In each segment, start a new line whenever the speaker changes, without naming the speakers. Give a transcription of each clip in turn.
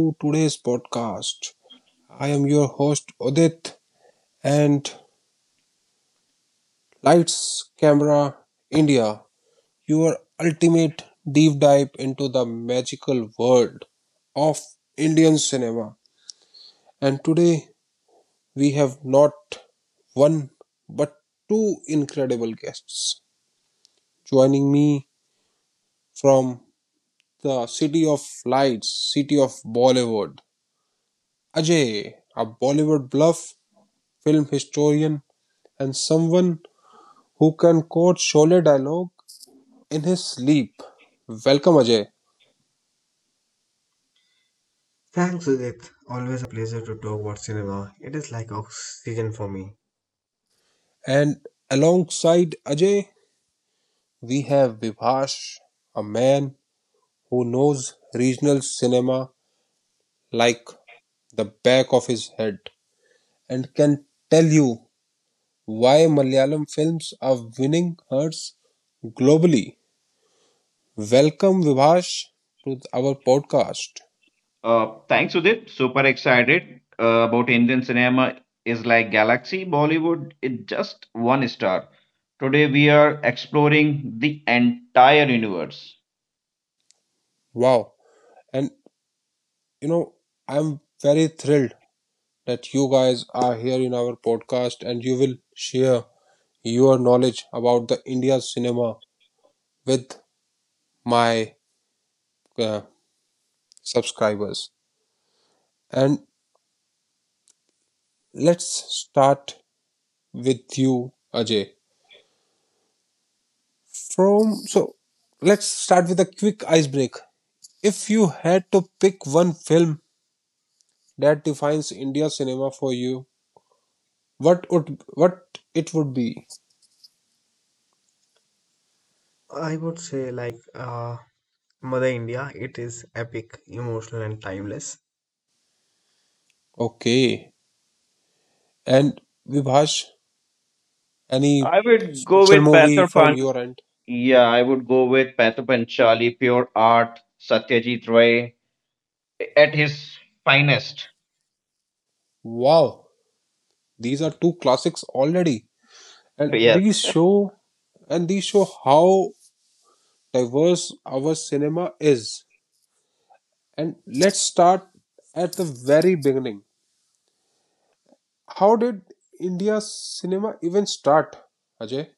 to today's podcast. I am your host, Udit, and Lights Camera India, your ultimate deep dive into the magical world of Indian cinema. And today we have not one but two incredible guests joining me from the city of lights, city of Bollywood. Ajay, a Bollywood bluff film historian, and someone who can quote Sholay dialogue in his sleep. Welcome, Ajay.
Thanks, Udit. Always a pleasure to talk about cinema. It is like oxygen for me.
And alongside Ajay, we have Vibhash, a man who knows regional cinema like the back of his head and can tell you why Malayalam films are winning hearts globally. Welcome, Vibhash, to our podcast.
Thanks, Udit. Super excited about Indian cinema is like Galaxy Bollywood. It's just one star. Today we are exploring the entire universe.
Wow. And you know, I'm very thrilled that you guys are here in our podcast and you will share your knowledge about the India cinema with my uh, subscribers. And let's start with you, Ajay. From so, let's start with a quick icebreak. If you had to pick one film that defines India cinema for you, what would what it would be?
I would say, like Mother India, it is epic, emotional, and timeless.
Okay. And Vibhash, any
I would go
special
with
movie
Pather
from
Pan.
your end?
Yeah, I would go with Pather Panchali, pure art, Satyajit Ray at his finest.
Wow, these are two classics already, and
Yes.
these show and these show how diverse our cinema is. And let's start at the very beginning. How did India's cinema even start, Ajay?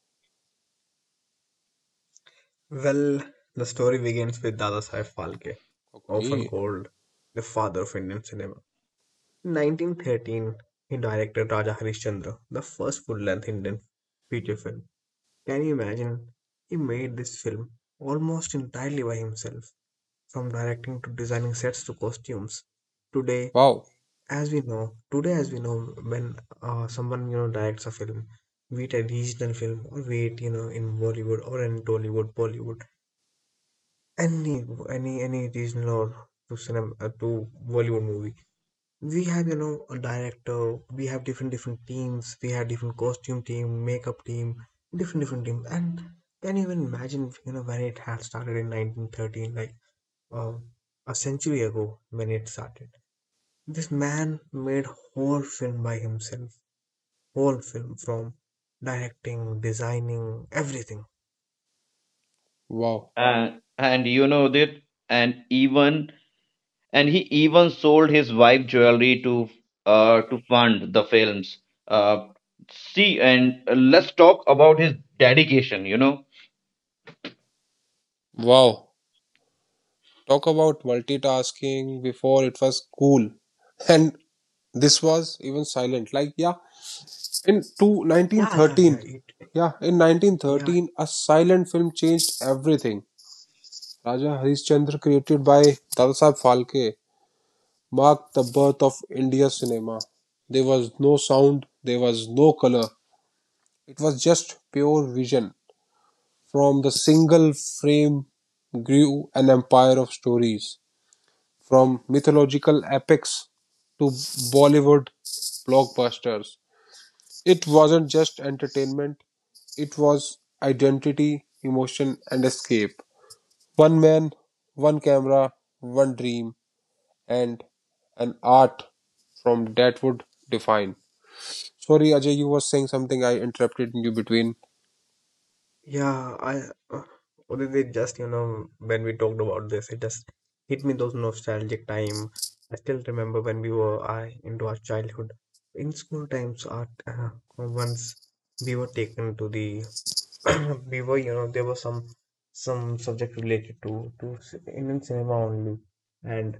Well, the story begins with Dada Saheb Phalke, often
Okay.
called the father of Indian cinema. In 1913, he directed Raja Harishchandra, the first full length Indian feature film. Can you imagine? He made this film almost entirely by himself, from directing to designing sets to costumes. Today,
Wow,
today as we know, when someone directs a film, be it a regional film or be it in Bollywood or in Tollywood, Bollywood, any any regional or to cinema to Bollywood movie, we have a director, we have different different teams, we have different costume team, makeup team, different different teams, and can you even imagine when it had started in 1913, like um, a century ago when it started. This man made whole film by himself, whole film from directing, designing, everything.
wow,
Uh, and you know that, and even and he even sold his wife jewelry to fund the films. Uh, See, and let's talk about his dedication.
wow. Talk about multitasking before it was cool. And this was even silent. Like, yeah. In two nineteen
Yeah, yeah, yeah.
thirteen,
It,
yeah, in
yeah,
1913, a silent film changed everything. Raja Harishchandra, created by Dadasaheb Phalke, marked the birth of India cinema. There was no sound, there was no color. It was just pure vision. From the single frame grew an empire of stories, from mythological epics to Bollywood blockbusters. It wasn't just entertainment, it was identity, emotion, and escape. One man, one camera, one dream, and an art from that would define. Sorry, Ajay, you were saying something. I interrupted you between.
yeah. I uh, or is it just when we talked about this, it just hit me those nostalgic time. I still remember when we were I into our childhood in school times. Art Once we were taken to the we were there was some subject related to Indian cinema only, and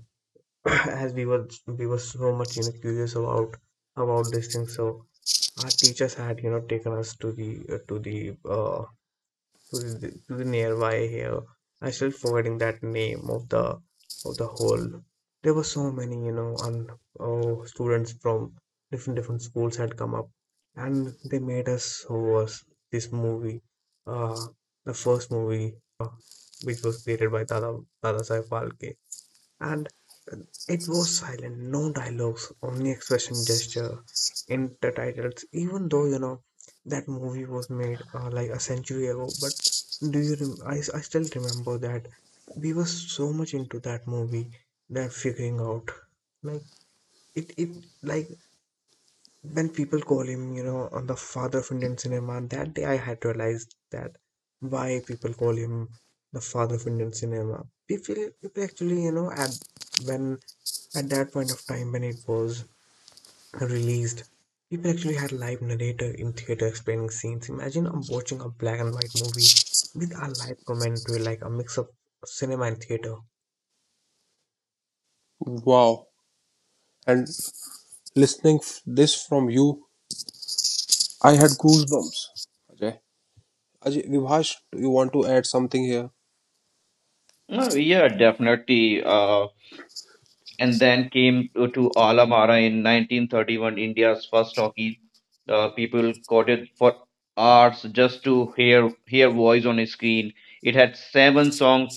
as we were so much curious about these things, so our teachers had taken us to the to the to the, to the nearby here. I still forgetting that name of the whole. There were so many, you know, and oh, students from different different schools had come up, and they made us watch this movie, uh, the first movie, uh, which was created by Dada Saif Phalke, and it was silent, no dialogues, only expression, gesture, intertitles. Even though that movie was made like a century ago, but do you? I still remember that we were so much into that movie that figuring out like it like when people call him you know on the father of Indian cinema. And That day I had realized that why people call him the father of Indian cinema. People actually you know at when at that point of time when it was released, people actually had a live narrator in theater explaining scenes. Imagine I'm watching a black and white movie with a live commentary, like a mix of cinema and theater.
Wow. And listening this from you, I had goosebumps. Ajay, Vibhash, do you want to add something here?
Yeah, definitely. And then came to Alamara in 1931, India's first talkie. People quoted for hours just to hear voice on a screen. It had seven songs,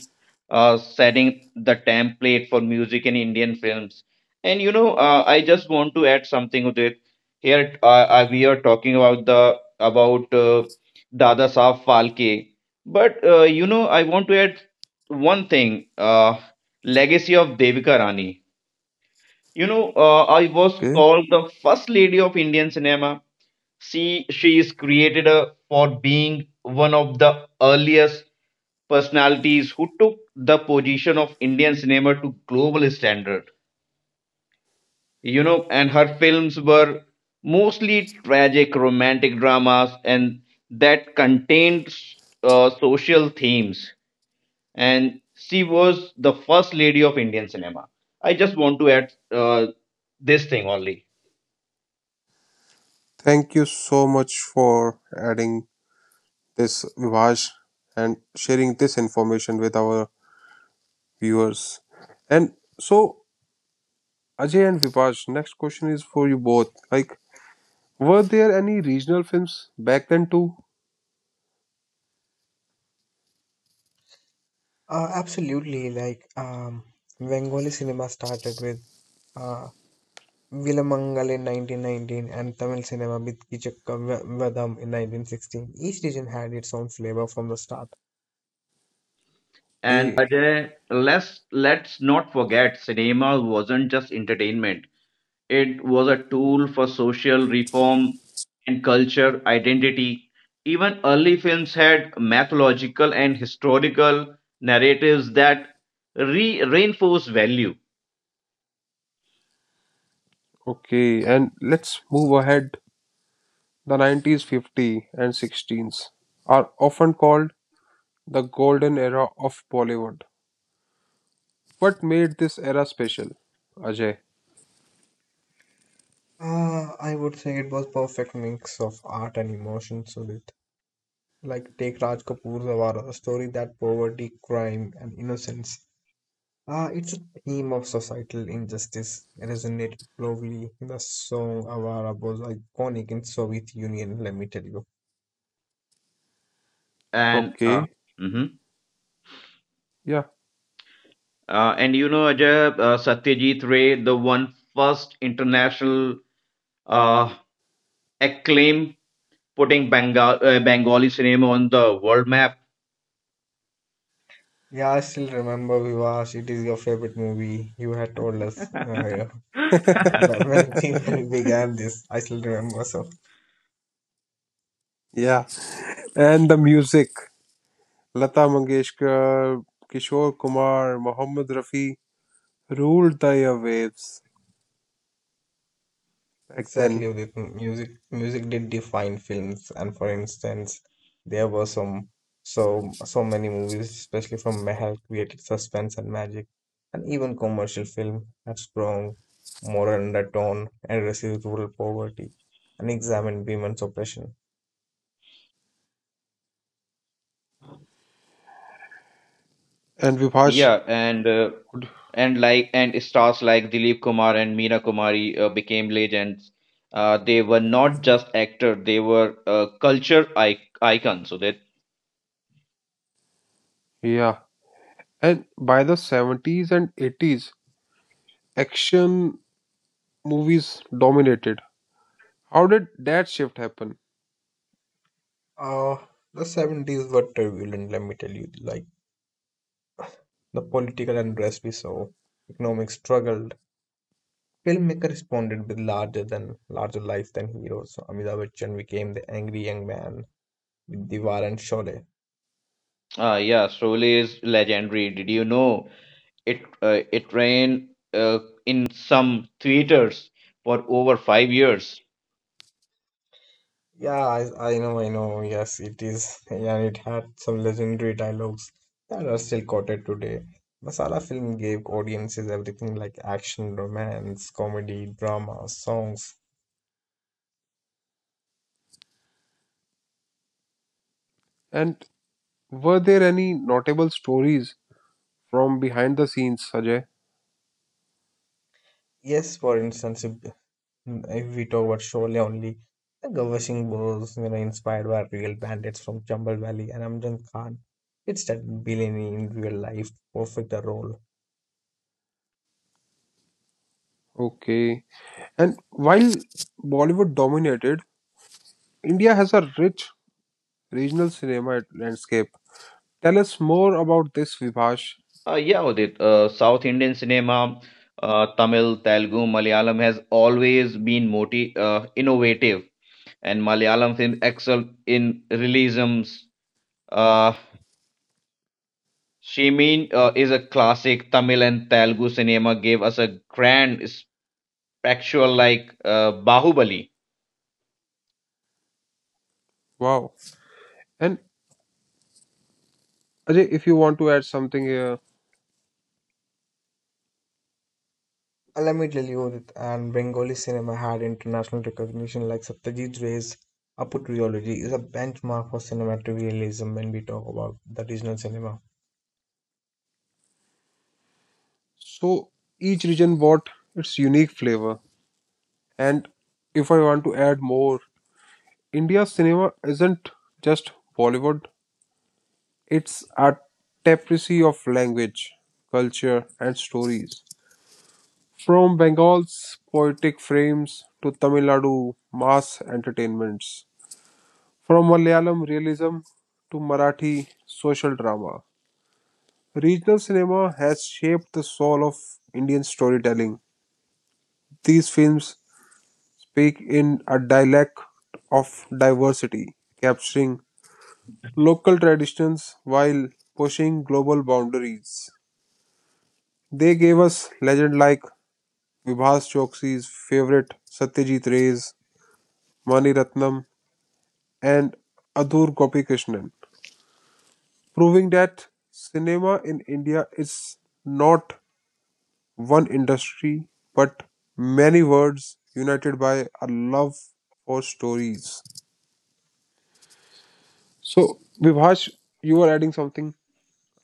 setting the template for music in Indian films. I just want to add something with it. Here, we are talking about the about Dada Saab Phalke, but I want to add one thing. Legacy of Devika Rani. I was
Okay.
called the first lady of Indian cinema. She is created for being one of the earliest personalities who took the position of Indian cinema to global standard. And her films were mostly tragic romantic dramas and that contained social themes. And she was the first lady of Indian cinema. I just want to add this thing only.
Thank you so much for adding this, Vibhash, and sharing this information with our viewers. And so, Ajay and Vipash, next question is for you both. Like, were there any regional films back then too?
Absolutely. Like Bengali cinema started with uh, Vilamangal in 1919, and Tamil cinema with Vadam in 1916. Each region had its own flavor from the start.
And
Okay,
Ajay, let's not forget cinema wasn't just entertainment. It was a tool for social reform and culture identity. Even early films had mythological and historical narratives that re reinforce value.
okay. And let's move ahead. The 90s, fifties, and 16s are often called the golden era of Bollywood. What made this era special, Ajay?
Uh, I would say it was perfect mix of art and emotion, Sudit. Like take Raj Kapoor's Awara, a story that poverty, crime, and innocence. Ah, it's a theme of societal injustice resonated globally. The song Awara was iconic in Soviet Union, let me tell you.
And
Okay,
Mhm.
yeah,
And you know Ajay, Satyajit Ray, the one first international uh, acclaim putting Bengali cinema on the world map.
Yeah, I still remember Vivash. It is your favorite movie. You had told us yeah, when when it when it began this. I still remember so.
yeah. And the music, Lata Mangeshkar, Kishore Kumar, Mohammed Rafi, ruled the airwaves back
Exactly,
then.
Udit. Music did define films, and for instance, there were some so many movies, especially from Mehal, created suspense and magic, and even commercial film had strong moral undertone, addresses rural poverty, and examined women's oppression.
And Vibhash,
Yeah, and stars like Dilip Kumar and Meena Kumari became legends. They were not just actors; they were culture ic icons. So that
yeah. And by the 70s and 80s, action movies dominated. How did that shift happen?
Uh, the 70s were turbulent, let me tell you, like the political unrest we saw, economic struggle. Filmmaker responded with larger than larger life than heroes. So, Amitabh Bachchan became the angry young man with Diwar and Sholay.
Yeah, Sholay is legendary. Did you know it? It ran in some theaters for over 5 years.
Yeah, I know, I know. Yes, it is, and it had some legendary dialogues that are still quoted today. Masala film gave audiences everything like action, romance, comedy, drama, songs.
And were there any notable stories from behind the scenes, Sajay?
Yes, for instance, if if we talk about Sholay only, the Gawsing was you know, inspired by real bandits from Chambal Valley, and Amjad Khan. It's that villainy in real life, perfect the role.
Okay. And while Bollywood dominated, India has a rich regional cinema landscape. Tell us more about this, Vibhash.
Yeah, Udit, South Indian cinema, Tamil, Telugu, Malayalam has always been moti innovative and Malayalam films excel in realisms. Uh, Shimin is a classic. Tamil and Telugu cinema gave us a grand spectacle like Bahubali.
Wow. And Ajay, if you want to add something here.
And let me tell you that and Bengali cinema had international recognition, like Satyajit Ray's Apu trilogy is a benchmark for cinematic realism when we talk about the regional cinema.
So each region brought its unique flavor. And if I want to add more, India's cinema isn't just Bollywood, it's a tapestry of language, culture, and stories. From Bengal's poetic frames to Tamil Nadu mass entertainments, from Malayalam realism to Marathi social drama. Regional cinema has shaped the soul of Indian storytelling. These films speak in a dialect of diversity, capturing local traditions while pushing global boundaries. They gave us legends like Vibhas Choksi's favorite Satyajit Ray's, Mani Ratnam, and Adoor Gopikrishnan, proving that cinema in India is not one industry but many worlds united by a love for stories. So, Vibhash, you were adding something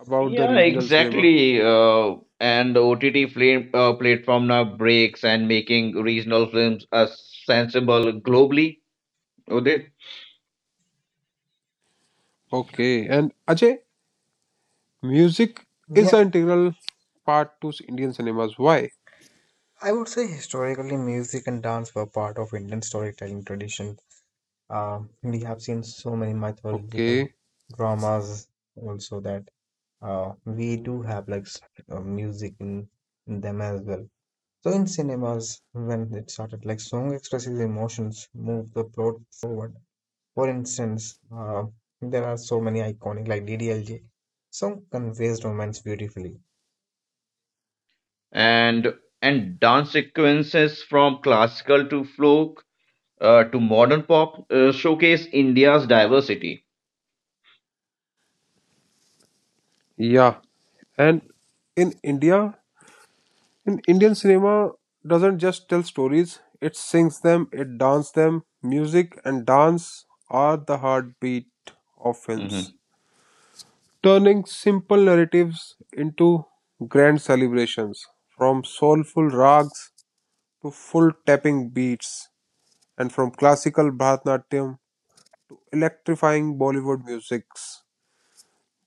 about the
Yeah,
regional cinema.
exactly. And OTT film, platform now breaks and making regional films a sensible globally. Udit.
Okay, and Ajay, music is
Yeah,
an integral part to Indian cinemas. Why?
I would say historically music and dance were part of Indian storytelling tradition. We have seen so many mythological
Okay,
dramas also that we do have like music in them as well. So in cinemas, when it started, like song expresses emotions, move the plot forward. For instance, there are so many iconic like DDLJ. Song conveys romance beautifully.
And and dance sequences from classical to folk to modern pop showcase India's diversity.
yeah, and in India, in Indian cinema doesn't just tell stories; it sings them, it dances them. Music and dance are the heartbeat of films,
Mhm.
turning simple narratives into grand celebrations, from soulful rags to full tapping beats, and from classical Bharatanatyam to electrifying Bollywood musics.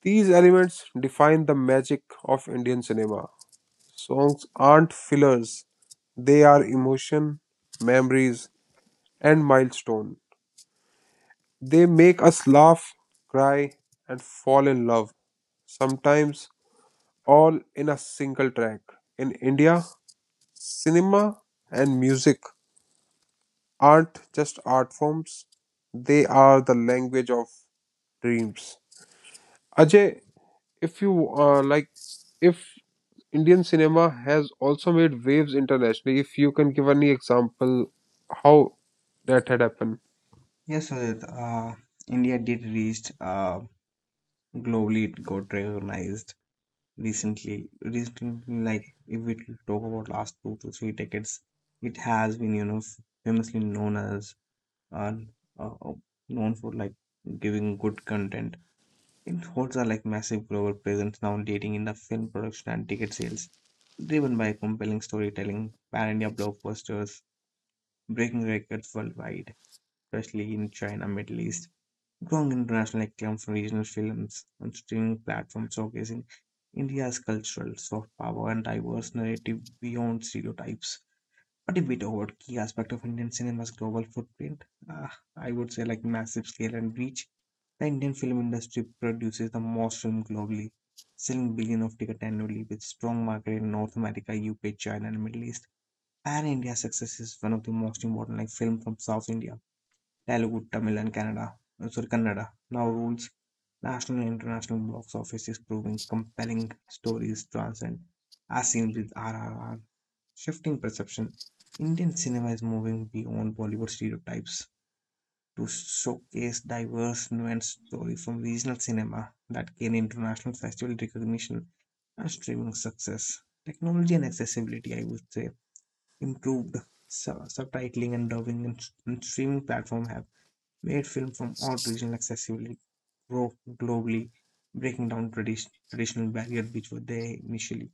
These elements define the magic of Indian cinema. Songs aren't fillers, they are emotion, memories, and milestone. They make us laugh, cry, and fall in love, sometimes all in a single track. In India, cinema and music aren't just art forms, they are the language of dreams. Ajay, if you like if Indian cinema has also made waves internationally, if you can give any example how that had happened.
Yes, Sudhir, India did reach globally, it got recognized. Recently, like if we talk about last two to three decades, it has been famously known as uh, uh, uh, known for like giving good content. It holds a like massive global presence now, leading in the film production and ticket sales driven by compelling storytelling, pan-india blockbusters breaking records worldwide especially in china, middle east. Strong international acclaim from regional films and streaming platforms showcasing India's cultural soft power and diverse narrative beyond stereotypes. But if we talk about key aspect of Indian cinema's global footprint, I would say like massive scale and reach. The Indian film industry produces the most film globally, selling billion of tickets annually with strong market in North America, UK, China, and Middle East. Pan India success is one of the most important, like film from South India, Telugu, Tamil, and Canada, sorry, Kannada now rules national and international box offices, proving compelling stories transcend, as seen with RRR. Shifting perception, Indian cinema is moving beyond Bollywood stereotypes to showcase diverse, nuanced stories from regional cinema that gain international festival recognition and streaming success. Technology and accessibility, I would say, improved subtitling and dubbing and streaming platform have made films from all regions accessible gro- globally, breaking down traditional barriers which were there initially.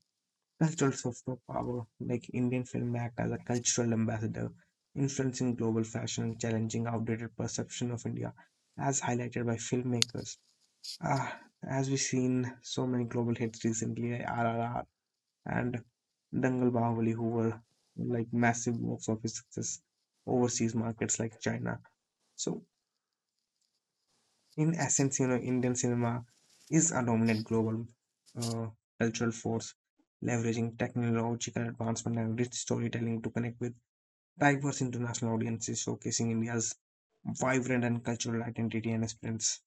That's also power, like Indian film act as a cultural ambassador, influencing global fashion, challenging outdated perception of India, as highlighted by filmmakers. Ah, as we've seen so many global hits recently, like RRR and Dangal Bahubali, who were like massive box office success overseas markets like China. So in essence, you know, Indian cinema is a dominant global uh, cultural force, leveraging technological advancement and rich storytelling to connect with diverse international audiences, showcasing India's vibrant and cultural identity and experience.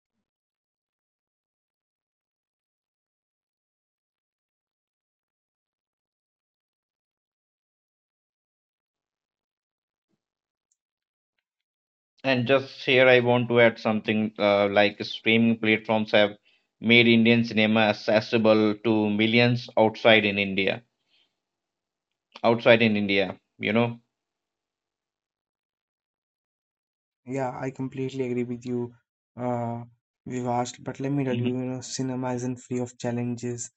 And just here, I want to add something like streaming platforms have made Indian cinema accessible to millions outside in India. Outside in India.
Yeah, I completely agree with you, uh, Vivash. But let me tell you,
Hmm,
you know, cinema isn't free of challenges.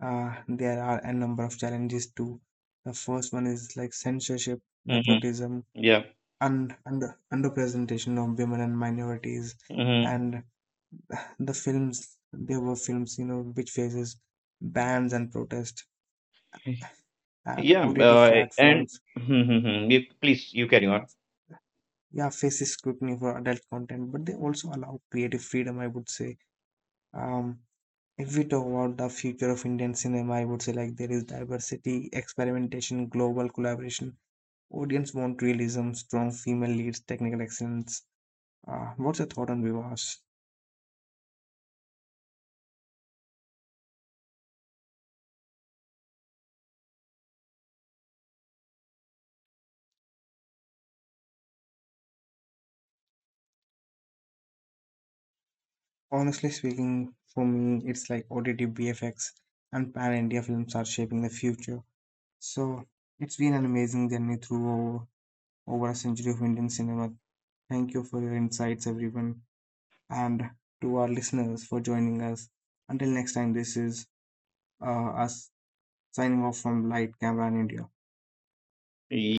There are a number of challenges too. The first one is like censorship,
hmm,
nepotism,
yeah.
un, under underrepresentation of women and minorities,
Hmm,
and the films there were films which faces bans and protest, and
yeah.
OTT
And
platforms
Mhm, mhm. Please, you carry on.
yeah faces scrutiny for adult content, but they also allow creative freedom. I would say um if we talk about the future of indian cinema, I would say like there is diversity, experimentation, global collaboration. Audience want realism, strong female leads, technical excellence. What's your thought on vivas? Honestly speaking, for me, it's like OTT, BFX, and Pan India films are shaping the future. So it's been an amazing journey through over a century of Indian cinema. Thank you for your insights, everyone, and to our listeners for joining us. Until next time, this is us signing off from Light Camera in India.